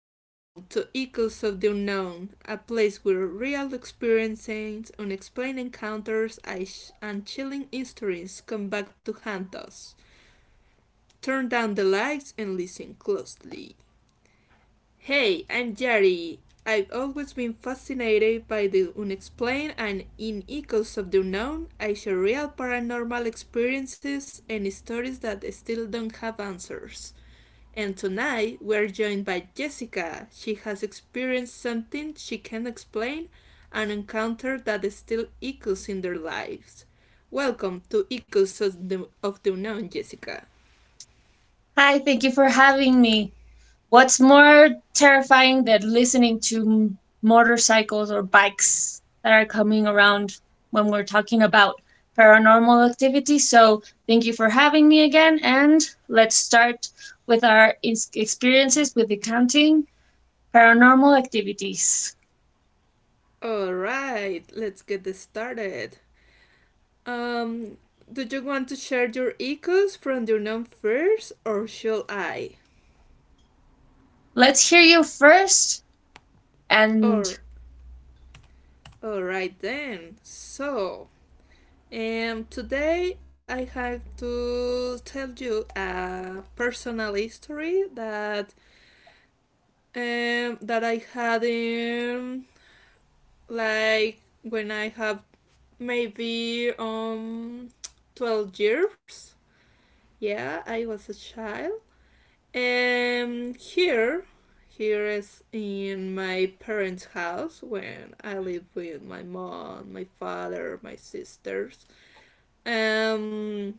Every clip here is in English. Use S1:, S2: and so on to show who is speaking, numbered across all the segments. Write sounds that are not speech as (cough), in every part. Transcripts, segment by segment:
S1: Welcome to Echoes of the Unknown, a place where real experiences, unexplained encounters, and chilling histories come back to haunt us. Turn down the lights and listen closely. Hey, I'm Jerry. I've always been fascinated by the unexplained, and in Echoes of the Unknown, I share real paranormal experiences and stories that still don't have answers. And tonight we're joined by Jessica. She has experienced something she can't explain, an encounter that still echoes in their lives. Welcome to Echoes of the Unknown, Jessica.
S2: Hi, thank you for having me. What's more terrifying than listening to motorcycles or bikes that are coming around when we're talking about paranormal activity? So, thank you for having me again, and let's start with our experiences with accounting paranormal activities.
S1: All right, let's get this started. Um, do you want to share your echoes from the unknown first, or shall I?
S2: Let's hear you first, and
S1: Or all right then. So, and today I have to tell you a personal history that that I had in, like, when I have maybe, 12 years. Yeah, I was a child. And here is in my parents' house when I live with my mom, my father, my sisters. Um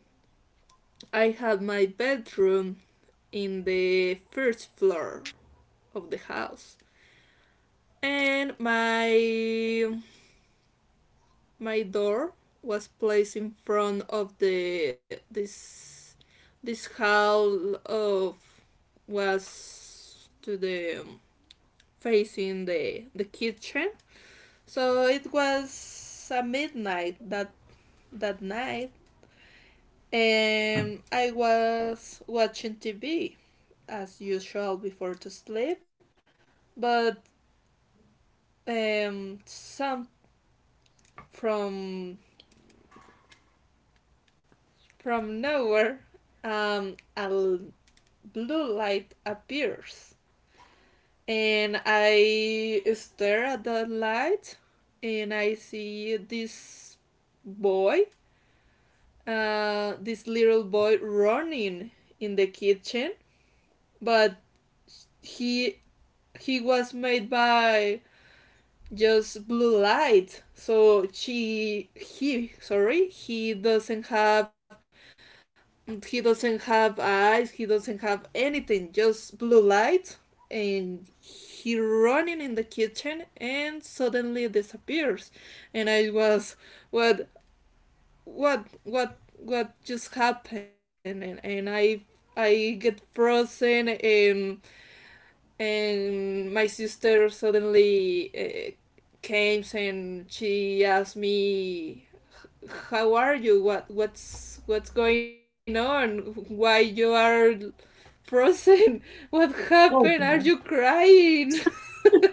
S1: I had my bedroom in the first floor of the house, and my door was placed in front of the this this hall of, was to the, facing the kitchen. So it was a midnight that night, and I was watching TV as usual before to sleep. But some, from from nowhere, a blue light appears, and I stare at that light, and I see boy, this little boy running in the kitchen, but he he was made by just blue light, so she, he, sorry, he doesn't have. He doesn't have eyes, he doesn't have anything, just blue light. And he running in the kitchen and suddenly disappears. And I was, what what just happened, and I get frozen, and my sister suddenly came and she asked me, how are you, what's going on, why you are frozen? (laughs) What happened? Are you crying? (laughs)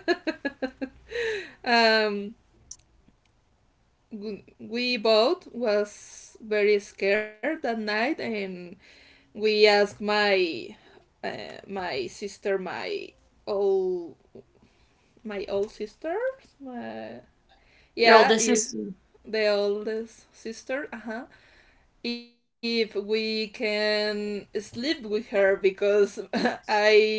S1: um we both was very scared that night, and we asked my, my sister, my old, my old sisters, my,
S2: your
S1: yeah,
S2: oldest
S1: if
S2: sister.
S1: the oldest sister, uh huh. If we can sleep with her, because (laughs) I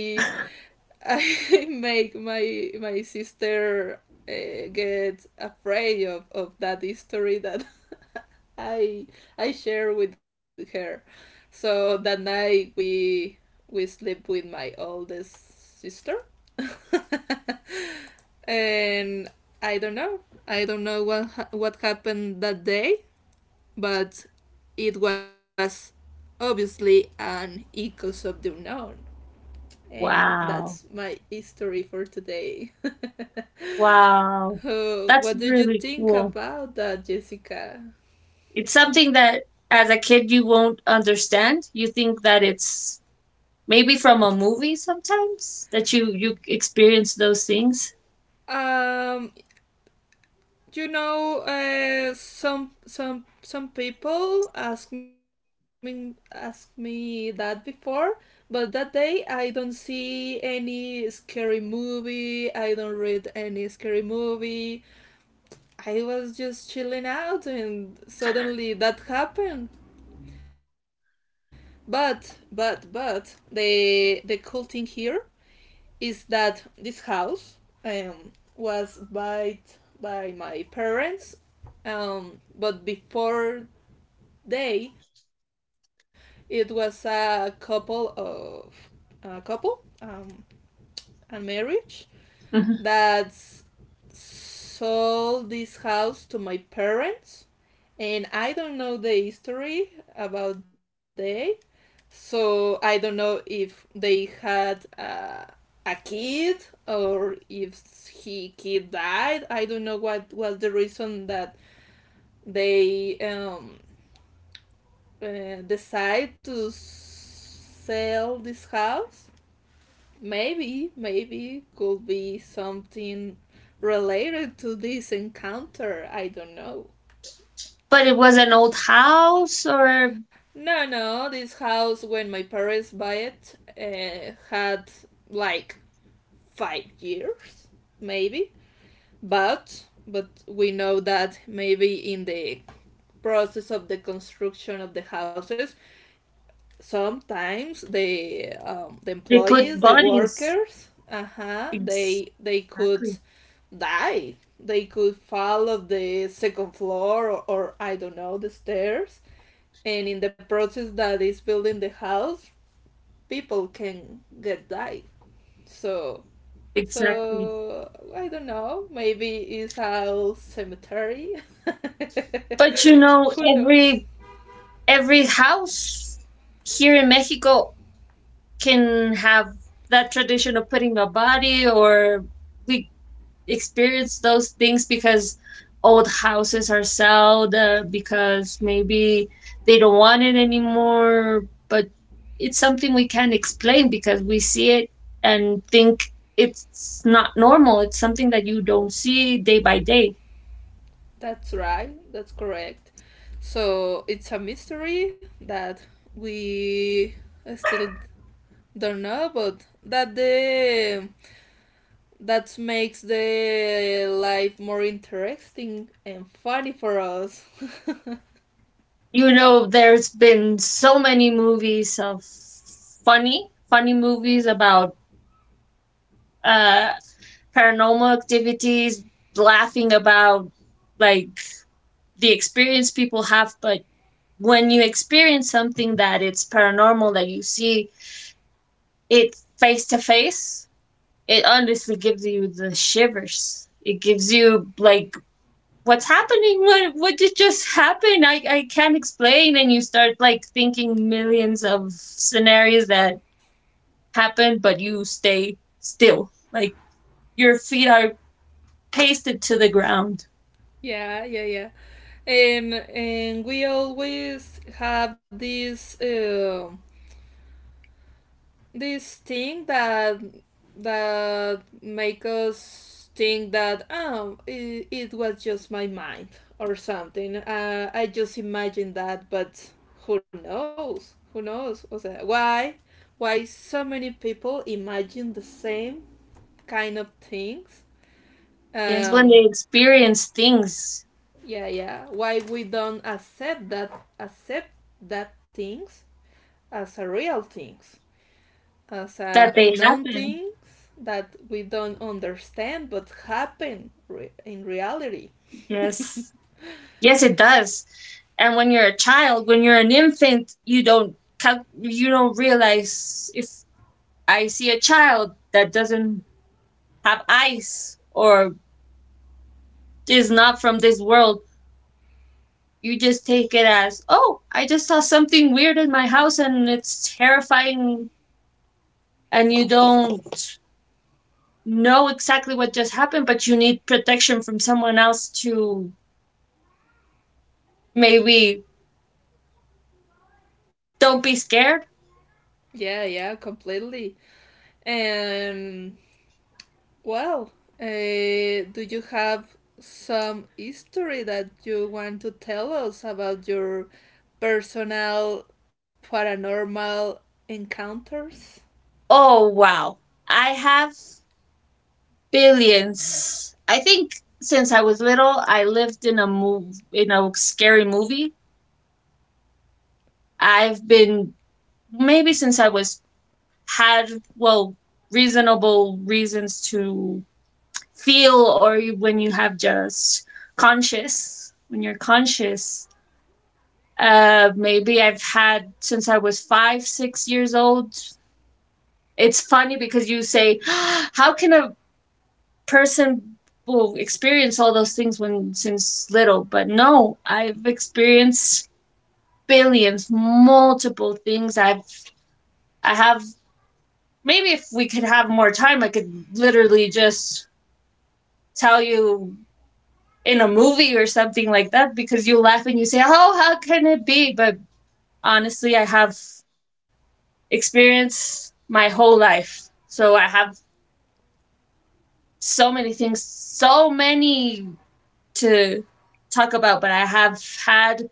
S1: I make my sister get afraid of that history that (laughs) I I share with her. So that night we sleep with my oldest sister. (laughs) And I don't know. I don't know what happened that day, but it was obviously an echoes of the unknown, and
S2: Wow,
S1: that's my history for today. (laughs)
S2: wow,
S1: Uh,
S2: that's
S1: what do you
S2: really
S1: think
S2: cool.
S1: about that, Jessica?
S2: It's something that as a kid you won't understand. You think that it's maybe from a movie sometimes that you experience those things.
S1: Um, some people ask me that before, but that day I don't see any scary movie. I don't read any scary movie. I was just chilling out, and suddenly that happened. But the cool thing here is that this house, um, was bought by my parents, but before they, it was a couple, um, and marriage
S2: Mhm.
S1: that sold this house to my parents, and I don't know the history about they, so I don't know if they had a kid, or if he kid died. I don't know what was the reason that they decide to sell this house. Maybe, maybe could be something related to this encounter. I don't know.
S2: But it was an old house or
S1: No, no, this house when my parents buy it had like 5 years, maybe. But we know that maybe in the process of the construction of the houses, sometimes the, the
S2: they
S1: employees,
S2: put
S1: the
S2: bodies.
S1: workers, uh huh,
S2: Ex-
S1: they could
S2: Exactly.
S1: die. They could fall of the second floor, or I don't know, the stairs. And in the process that is building the house, people can get died. So
S2: Exactly.
S1: so I don't know. Maybe it's a cemetery.
S2: But you know,
S1: (laughs) Who knows?
S2: every house here in Mexico can have that tradition of putting a body, or we experience those things because old houses are sold, because maybe they don't want it anymore, but it's something we can't explain because we see it and think it's not normal. It's something that you don't see day by day.
S1: That's right. That's correct. So it's a mystery that we still don't know, but that the, that makes the life more interesting and funny for us.
S2: You know, there's been so many movies of funny movies about uh paranormal activities, laughing about, like, the experience people have. But when you experience something that it's paranormal, that you see it face to face, it honestly gives you the shivers. It gives you, like, what's happening? What did just happen? I can't explain. And you start like thinking millions of scenarios that happened, but you stay still, like your feet are pasted to the ground.
S1: (laughs) Yeah, yeah, yeah. And we always have this thing that make us think that, oh, it was just my mind, or something, I just imagined that, but who knows, who knows, o sea, why so many people imagine the same kind of things.
S2: Yes, when
S1: um
S2: they experience things
S1: yeah, yeah, why we don't accept that things as a real things, as a
S2: that they
S1: unknown
S2: happen.
S1: things that we don't understand, but happen in reality.
S2: Yes. Yes, it does. And when you're a child, when you're an infant, you don't you don't realize if I see a child that doesn't have eyes or is not from this world, you just take it as, "Oh, I just saw something weird in my house and it's terrifying." And you don't know exactly what just happened, but you need protection from someone else to maybe don't be scared.
S1: Yeah, yeah, completely. And, well, uh, do you have some history that you want to tell us about your personal paranormal encounters?
S2: Oh, wow. I have billions. I think since I was little, I lived in a scary movie. I've been, maybe since I was, had, well, reasonable reasons to feel, or when you have just conscious, when you're conscious, uh, maybe I've had since I was five or six years old. It's funny because you say, (gasps) how can a person will experience all those things when since little? But no, I've experienced billions, multiple things. I have, maybe if we could have more time, I could literally just tell you in a movie or something like that, because you laugh and you say, oh, how can it be? But honestly, I have experienced my whole life, so I have so many things, so many to talk about. But I have had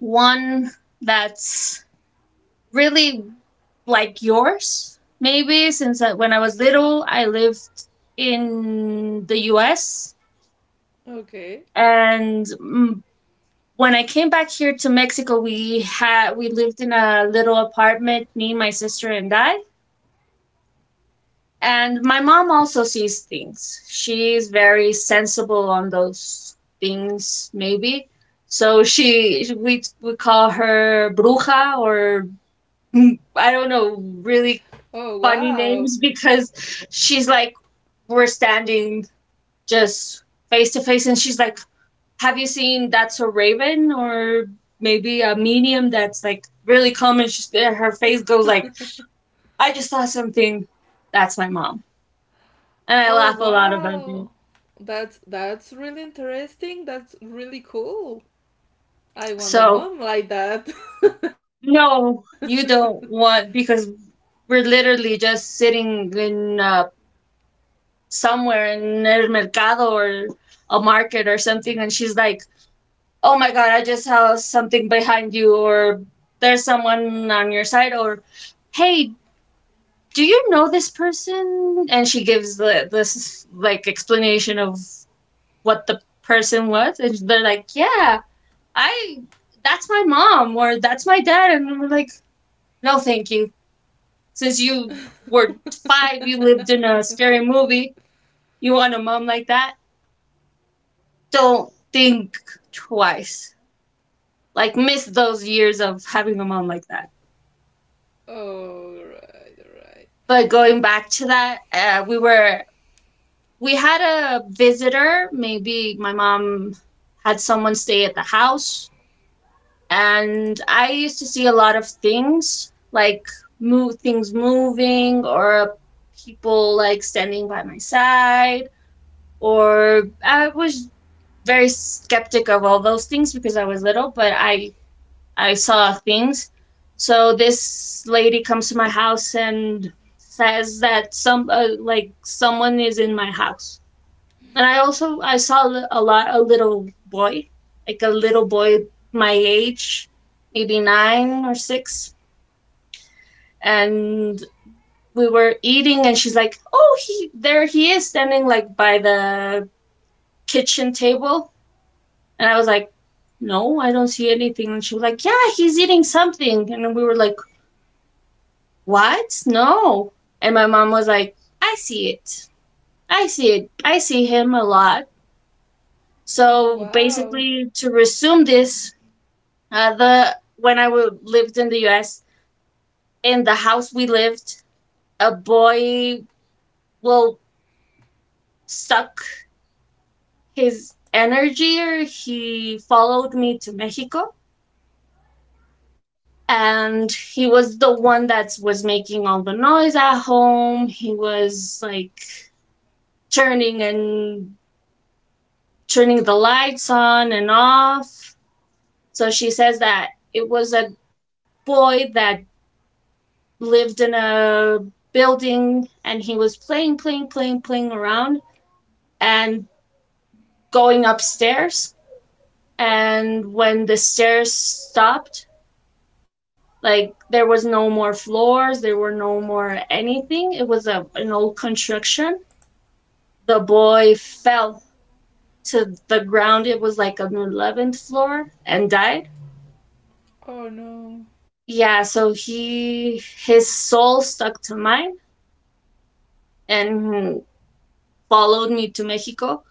S2: one that's really like yours, maybe, since, when I
S1: Okay.
S2: was little, I lived in the US.
S1: Okay.
S2: And mm, when I came back here to Mexico, we had we lived in a little apartment, me, my sister, and I. And my mom also sees things. She's very sensible on those things, maybe. So she, we call her bruja, or mm, I don't know, really
S1: Oh,
S2: funny
S1: wow.
S2: names, because she's like, we're standing just face to face, and she's like, "Have you seen? That's a Raven." Or maybe a medium that's like really calm, and she's, her face goes like, "I just saw something." That's my mom. And I
S1: Oh,
S2: laugh a lot about
S1: wow.
S2: it.
S1: That's really interesting. That's really cool. I want a
S2: So,
S1: mom like that.
S2: no, you don't want, because we're literally just sitting in a somewhere in El Mercado, or a market or something, and she's like, "Oh my God, I just saw something behind you," or "There's someone on your side," or "Hey, do you know this person?" And she gives the, this like explanation of what the person was, and they're like, "Yeah, I." That's my mom, or that's my dad, and we're like, no, thank you. Since you were five, you lived in
S1: (laughs)
S2: a scary movie. You want a mom like that? Don't think twice. Like, miss those years of having a mom like that.
S1: Oh, right, right.
S2: But going back to that, we were, we had a visitor. Maybe my mom had someone stay at the house, and I used to see a lot of things, like move, things moving, or people like standing by my side, or I was very skeptic of all those things because I was little, but I saw things. So this lady comes to my house and says that some, like someone is in my house. And I also, I saw a lot, a little boy, like a little boy my age, maybe 9 or 6, and we were eating and she's like, "Oh, he, there he is, standing like by the kitchen table." And I was like, no, I don't see anything. And she was like, yeah, he's eating something. And we were like, what? No. And my mom was like, I see it. I see it. I see him a lot.
S1: Oh,
S2: So
S1: wow.
S2: basically, to resume this, the when I lived in the U.S., in the house we lived, a boy will suck his energy, or he followed me to Mexico, and he was the one that was making all the noise at home. He was like turning and turning the lights on and off. So she says that it was a boy that lived in a building, and he was playing, playing, playing, playing around and going upstairs. And when the stairs stopped, like there was no more floors, there were no more anything. It was a, an old construction. The boy fell to the ground. It was like an 11th floor and died.
S1: Oh, no.
S2: Yeah, so he, his soul stuck to mine and followed me to Mexico,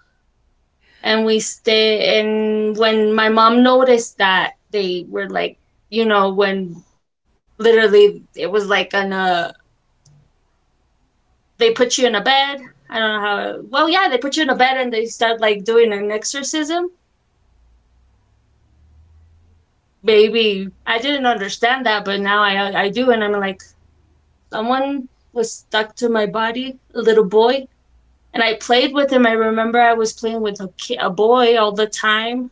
S2: and we stay, and when my mom noticed that they were like, you know, when literally it was like on a, they put you in a bed. I don't know how, well, yeah, they put you in a bed and they start like doing an exorcism. Maybe I didn't understand that, but now I do, and I'm like, someone was stuck to my body, a little boy, and I played with him. I remember I was playing with a, a boy all the time.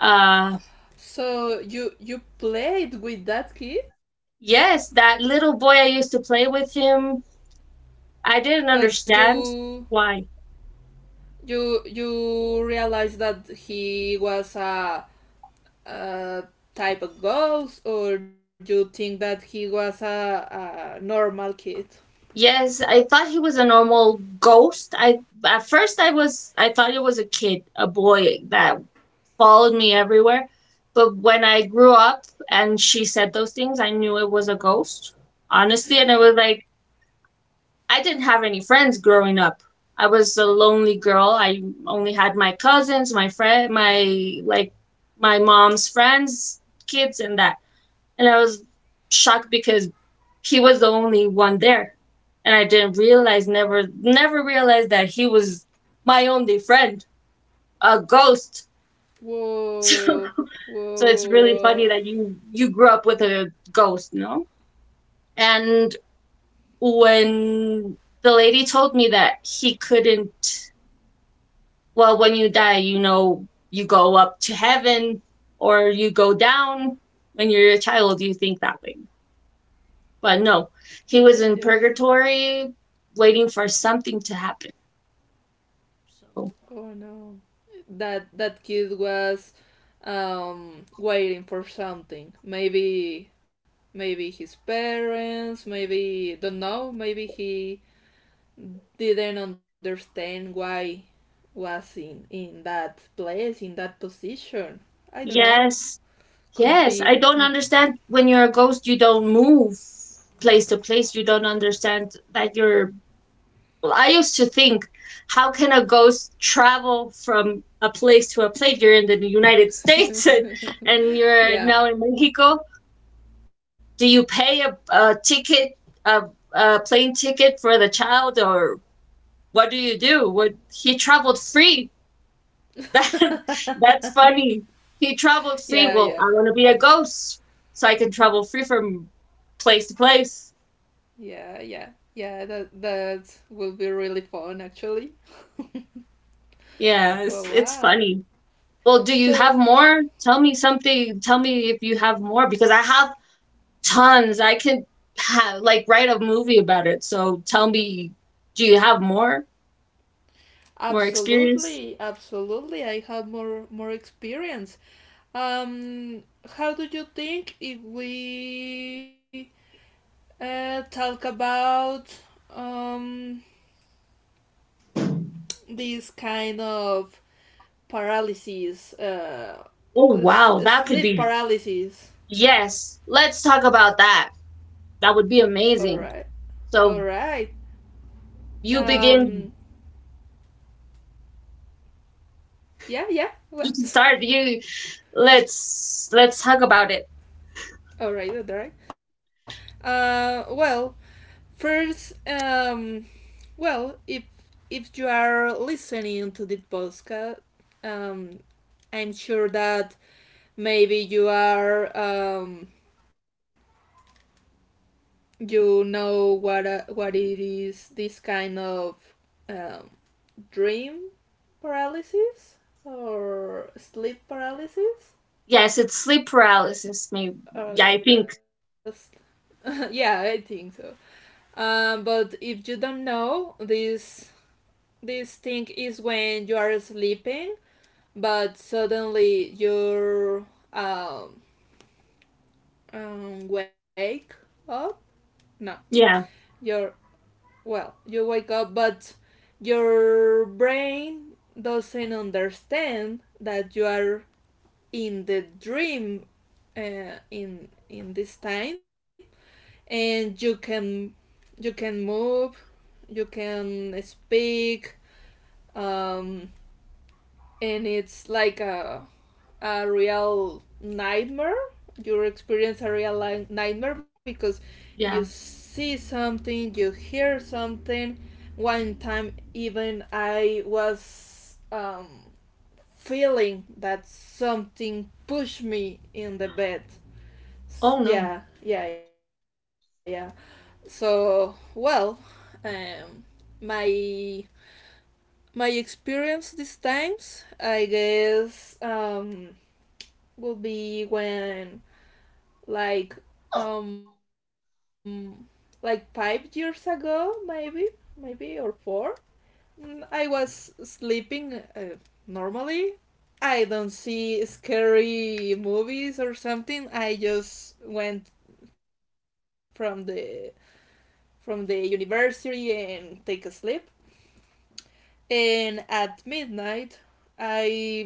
S2: Uh,
S1: So you played with that kid,
S2: yes, that little boy I used to play with him. I
S1: but
S2: didn't understand
S1: you
S2: why.
S1: you you realized that he was a type of ghost, or you think that he was a normal kid?
S2: Yes, I thought he was a normal ghost. I, at first I was, I thought it was a kid, a boy that followed me everywhere. But when I grew up and she said those things, I knew it was a ghost. Honestly, and I was like, I didn't have any friends growing up. I was a lonely girl. I only had my cousins, my friend, my like my mom's friends, kids, and that. And I was shocked because he was the only one there, and I didn't realize, never, never realized that he was my only friend, a ghost. (laughs) So,
S1: Whoa, whoa,
S2: so it's
S1: whoa,
S2: really funny
S1: whoa.
S2: that you grew up with a ghost, no? And when the lady told me that he couldn't, well, when you die, you know, you go up to heaven or you go down. When you're a child, you think that way. But no,
S1: Yes,
S2: he was
S1: yes.
S2: in purgatory waiting for something to happen. So,
S1: Oh, no. That kid was waiting for something. Maybe, maybe his parents, maybe don't know, maybe he didn't understand why was in that place, in that position. I don't know.
S2: yes,
S1: Could
S2: yes,
S1: be.
S2: I don't understand. When you're a ghost, you don't move place to place. You don't understand that you're. Well, I used to think, how can a ghost travel from a place to a place? You're in the United (laughs) States, and you're
S1: Yeah.
S2: now in Mexico. Do you pay a ticket, a, a plane ticket for the child? Or what do you do? What, he traveled free? (laughs) That, that's funny. He traveled free.
S1: Yeah,
S2: Well,
S1: yeah.
S2: I want to be a ghost so I can travel free from place to place.
S1: Yeah, yeah. Yeah, that that will be really fun actually.
S2: Yeah,
S1: Oh,
S2: it's
S1: wow.
S2: funny. Well, do you have
S1: So
S2: more? Tell me something. Tell me if you have more, because I have tons. I can like write a movie about it. So tell me, do you have more, more experience?
S1: absolutely, absolutely I have more experience. Um how do you think if we talk about um these kind of paralysis uh
S2: Oh, wow. That could be.
S1: sleep paralysis.
S2: Yes. Let's talk about that. That would be
S1: All
S2: amazing.
S1: right. All
S2: So
S1: right.
S2: you begin,
S1: Um yeah,
S2: you
S1: yeah.
S2: can start.
S1: What?
S2: You, let's talk about it.
S1: (laughs) All right, all right. Well, first, well, if you are listening to this podcast, um, I'm sure that maybe you are, you know what, what it is, this kind of, um, dream paralysis or sleep paralysis.
S2: Yes, it's sleep paralysis. Maybe. Yeah,
S1: Okay,
S2: I
S1: (laughs)
S2: think.
S1: yeah, I think so. But if you don't know, this thing is when you are sleeping, but suddenly you're, um, wake up. No,
S2: Yeah.
S1: you're well, you wake up, but your brain doesn't understand that you are in the dream, in this time, and you can move, you can speak. Um, and it's like a real nightmare. You experience a real nightmare because you
S2: Yeah.
S1: see something, you hear something. One time, even I was feeling that something pushed me in the bed.
S2: Oh no. (gasps)
S1: Yeah, yeah, yeah. So, well, um, my my experience these times, I guess, will be when, like um like 5 years ago, maybe, maybe or 4, I was sleeping normally. I don't see scary movies or something. I just went from the, from the university and take a sleep. And at midnight, I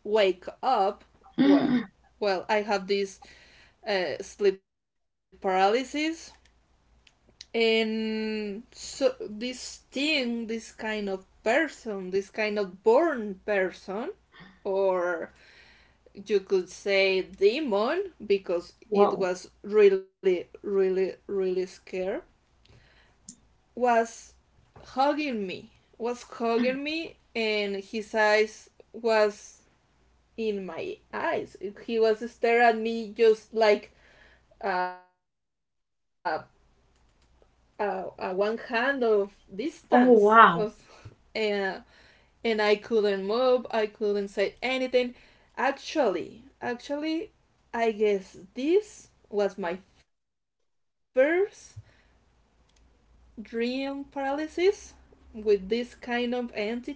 S1: wake up. Well,
S2: Mm.
S1: well, I have this sleep paralysis, and so, this kind of born person, or you could say demon, because it
S2: Whoa.
S1: was really, really, really scared. Was hugging me was hugging me and his eyes was in my eyes, he was staring at me just like, uh, a one hand of distance of,
S2: Oh wow.
S1: uh, and I couldn't move, I couldn't say anything. Actually, actually, I guess this was my first dream paralysis with this kind of entity.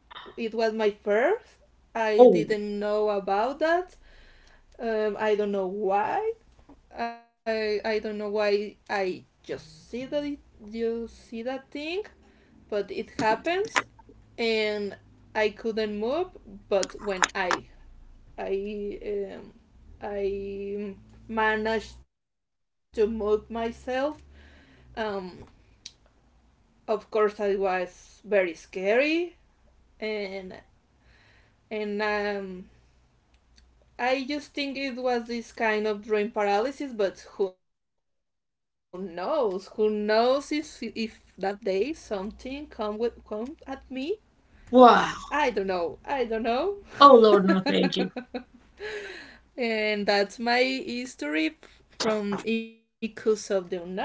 S1: It was my first. I
S2: Oh
S1: didn't know about that. I don't know why. I don't know why I just see that, you see that thing. But it happens, and I couldn't move. But when I um, I managed to move myself, um, of course I was very scary, and and I just think it was this kind of dream paralysis, but who knows, who knows, if that day something come with come at me. I
S2: wow.
S1: don't know, I don't know.
S2: Oh Lord, no, thank you.
S1: (laughs) And that's my history from Echoes of the Unknown.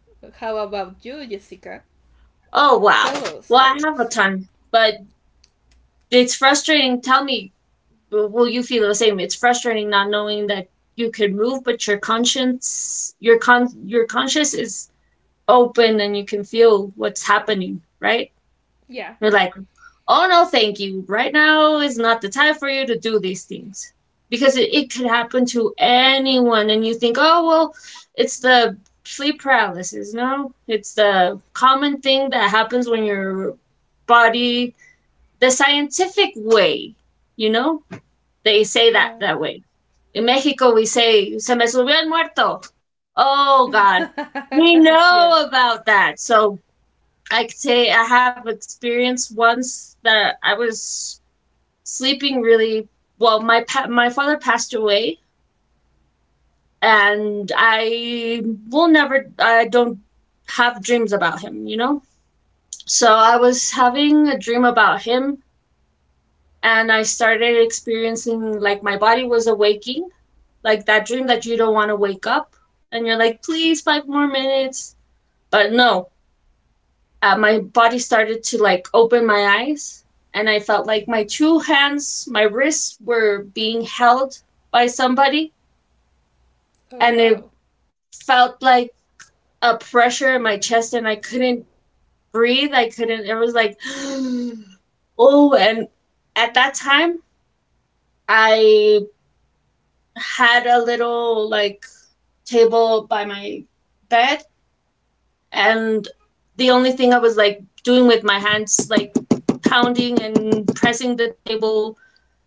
S1: How about you, Jessica?
S2: Oh
S1: Tell
S2: wow.
S1: us, tell
S2: Well, I
S1: us.
S2: have a ton, but it's frustrating. Tell me, but will you feel the same? It's frustrating not knowing that you could move, but your conscience, your con, your conscience is open, and you can feel what's happening, right?
S1: Yeah.
S2: You're like, oh no, thank you. Right now is not the time for you to do these things, because it could happen to anyone, and you think, oh well, it's the sleep paralysis. No, it's the common thing that happens when your body, the scientific way, you know, they say that
S1: Yeah.
S2: that way, in Mexico, we say, se me subió el muerto. Oh, God. We
S1: (laughs) Yeah.
S2: know about that. So I could say I have experienced once that I was sleeping really well. My my father passed away, and I will never. I don't have dreams about him. You know. So I was having a dream about him, and I started experiencing like my body was awaking, like that dream that you don't want to wake up, and you're like, please, five more minutes. But no, my body started to like open my eyes, and I felt like my two hands, my wrists were being held by somebody,
S1: Oh,
S2: and it
S1: wow.
S2: felt like a pressure in my chest, and I couldn't breathe. I couldn't. It was like (gasps) oh. And at that time I had a little like table by my bed, and the only thing I was like doing with my hands, like pounding and pressing the table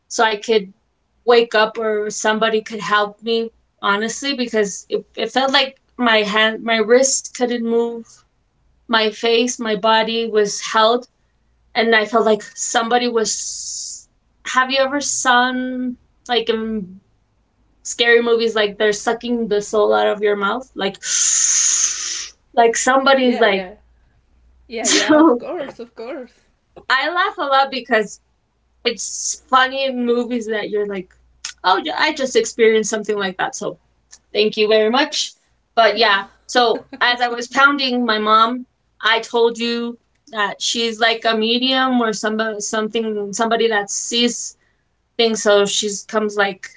S2: so I could wake up or somebody could help me, honestly, because it felt like my hand, my wrist couldn't move, my face, my body was held, and I felt like somebody was. Have you ever seen, like, in scary movies, like they're sucking the soul out of your mouth? Like, (sighs) like
S1: Yeah,
S2: somebody's
S1: yeah.
S2: like.
S1: Yeah,
S2: (laughs)
S1: yeah, of
S2: So.
S1: course, of course.
S2: I laugh a lot because it's funny in movies that you're like, oh, yeah, I just experienced something like that. So thank you very much. But yeah, so as I was pounding my mom, I told you that she's like a medium, or somebody, something, somebody that sees things. So she comes like,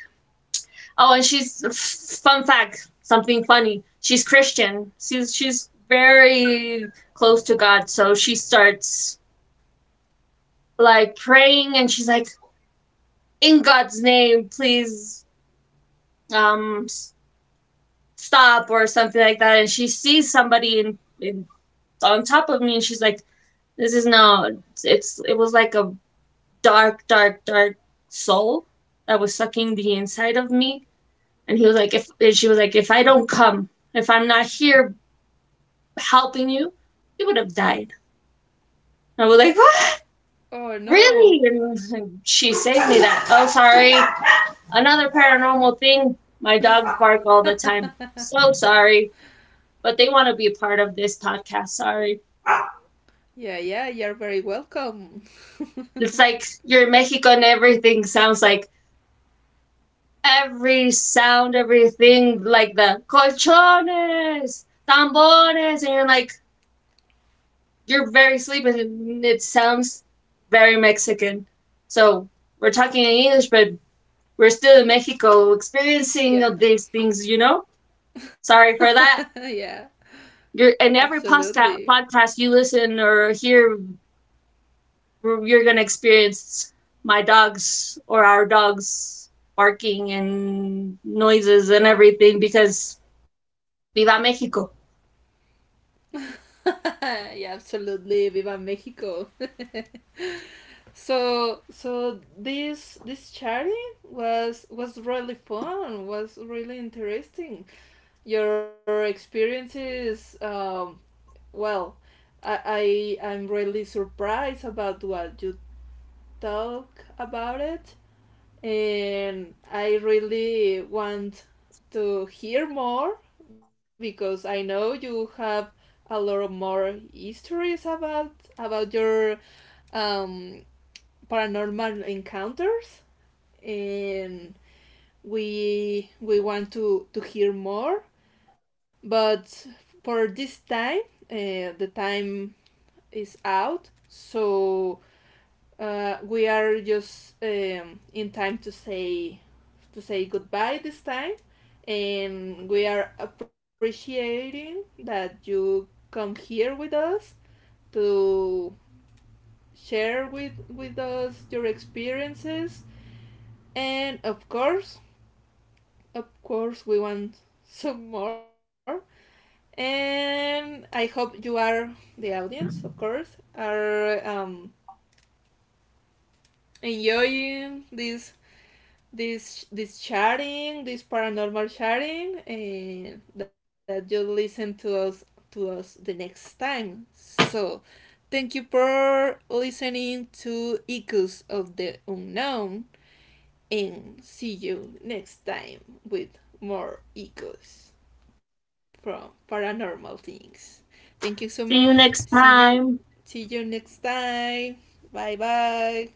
S2: oh, and she's, fun fact, something funny. She's Christian. She's very close to God. So she starts like praying, and she's like, in God's name, please, um stop or something like that. And she sees somebody in on top of me, and she's like, "This is no, it's, it was like a dark, dark, dark soul that was sucking the inside of me." And he was like, "If," and she was like, "If I don't come, if I'm not here helping you, you would have died." I was like, "What?
S1: Oh,
S2: Really?"
S1: no.
S2: And she saved me that. Oh, sorry. Another paranormal thing. My dogs bark all the time. So sorry. But they want to be a part of this podcast. Sorry.
S1: Yeah, yeah, you're very welcome.
S2: It's like you're Mexico, and everything sounds like every sound, everything like the colchones, tambores, and you're like, you're very sleepy, and it sounds very Mexican. So we're talking in English, but we're still in Mexico experiencing all
S1: Yeah,
S2: these things, you know? Sorry for that.
S1: (laughs) yeah,
S2: You're, and every podcast,
S1: absolutely.
S2: you listen or hear, you're gonna experience my dogs or our dogs barking and noises and everything, because Viva Mexico.
S1: (laughs) Yeah, absolutely. Viva Mexico. So, so this charity was really fun. Was really interesting. Your experiences. Well, I'm really surprised about what you talk about it, and I really want to hear more, because I know you have a lot more histories about your, um, paranormal encounters, and we want to hear more. But for this time, the time is out, so we are just, in time to say, to say goodbye this time, and we are appreciating that you come here with us to share with us your experiences. And of course, of course, we want (laughs) some more. And I hope you are, the audience, of course, are enjoying this chatting, this paranormal chatting, and that you listen to us, the next time. So thank you for listening to Echoes of the Unknown. And see you next time with more echoes from paranormal things. Thank you so much.
S2: See you
S1: See
S2: next
S1: you.
S2: time.
S1: See you next time. Bye bye.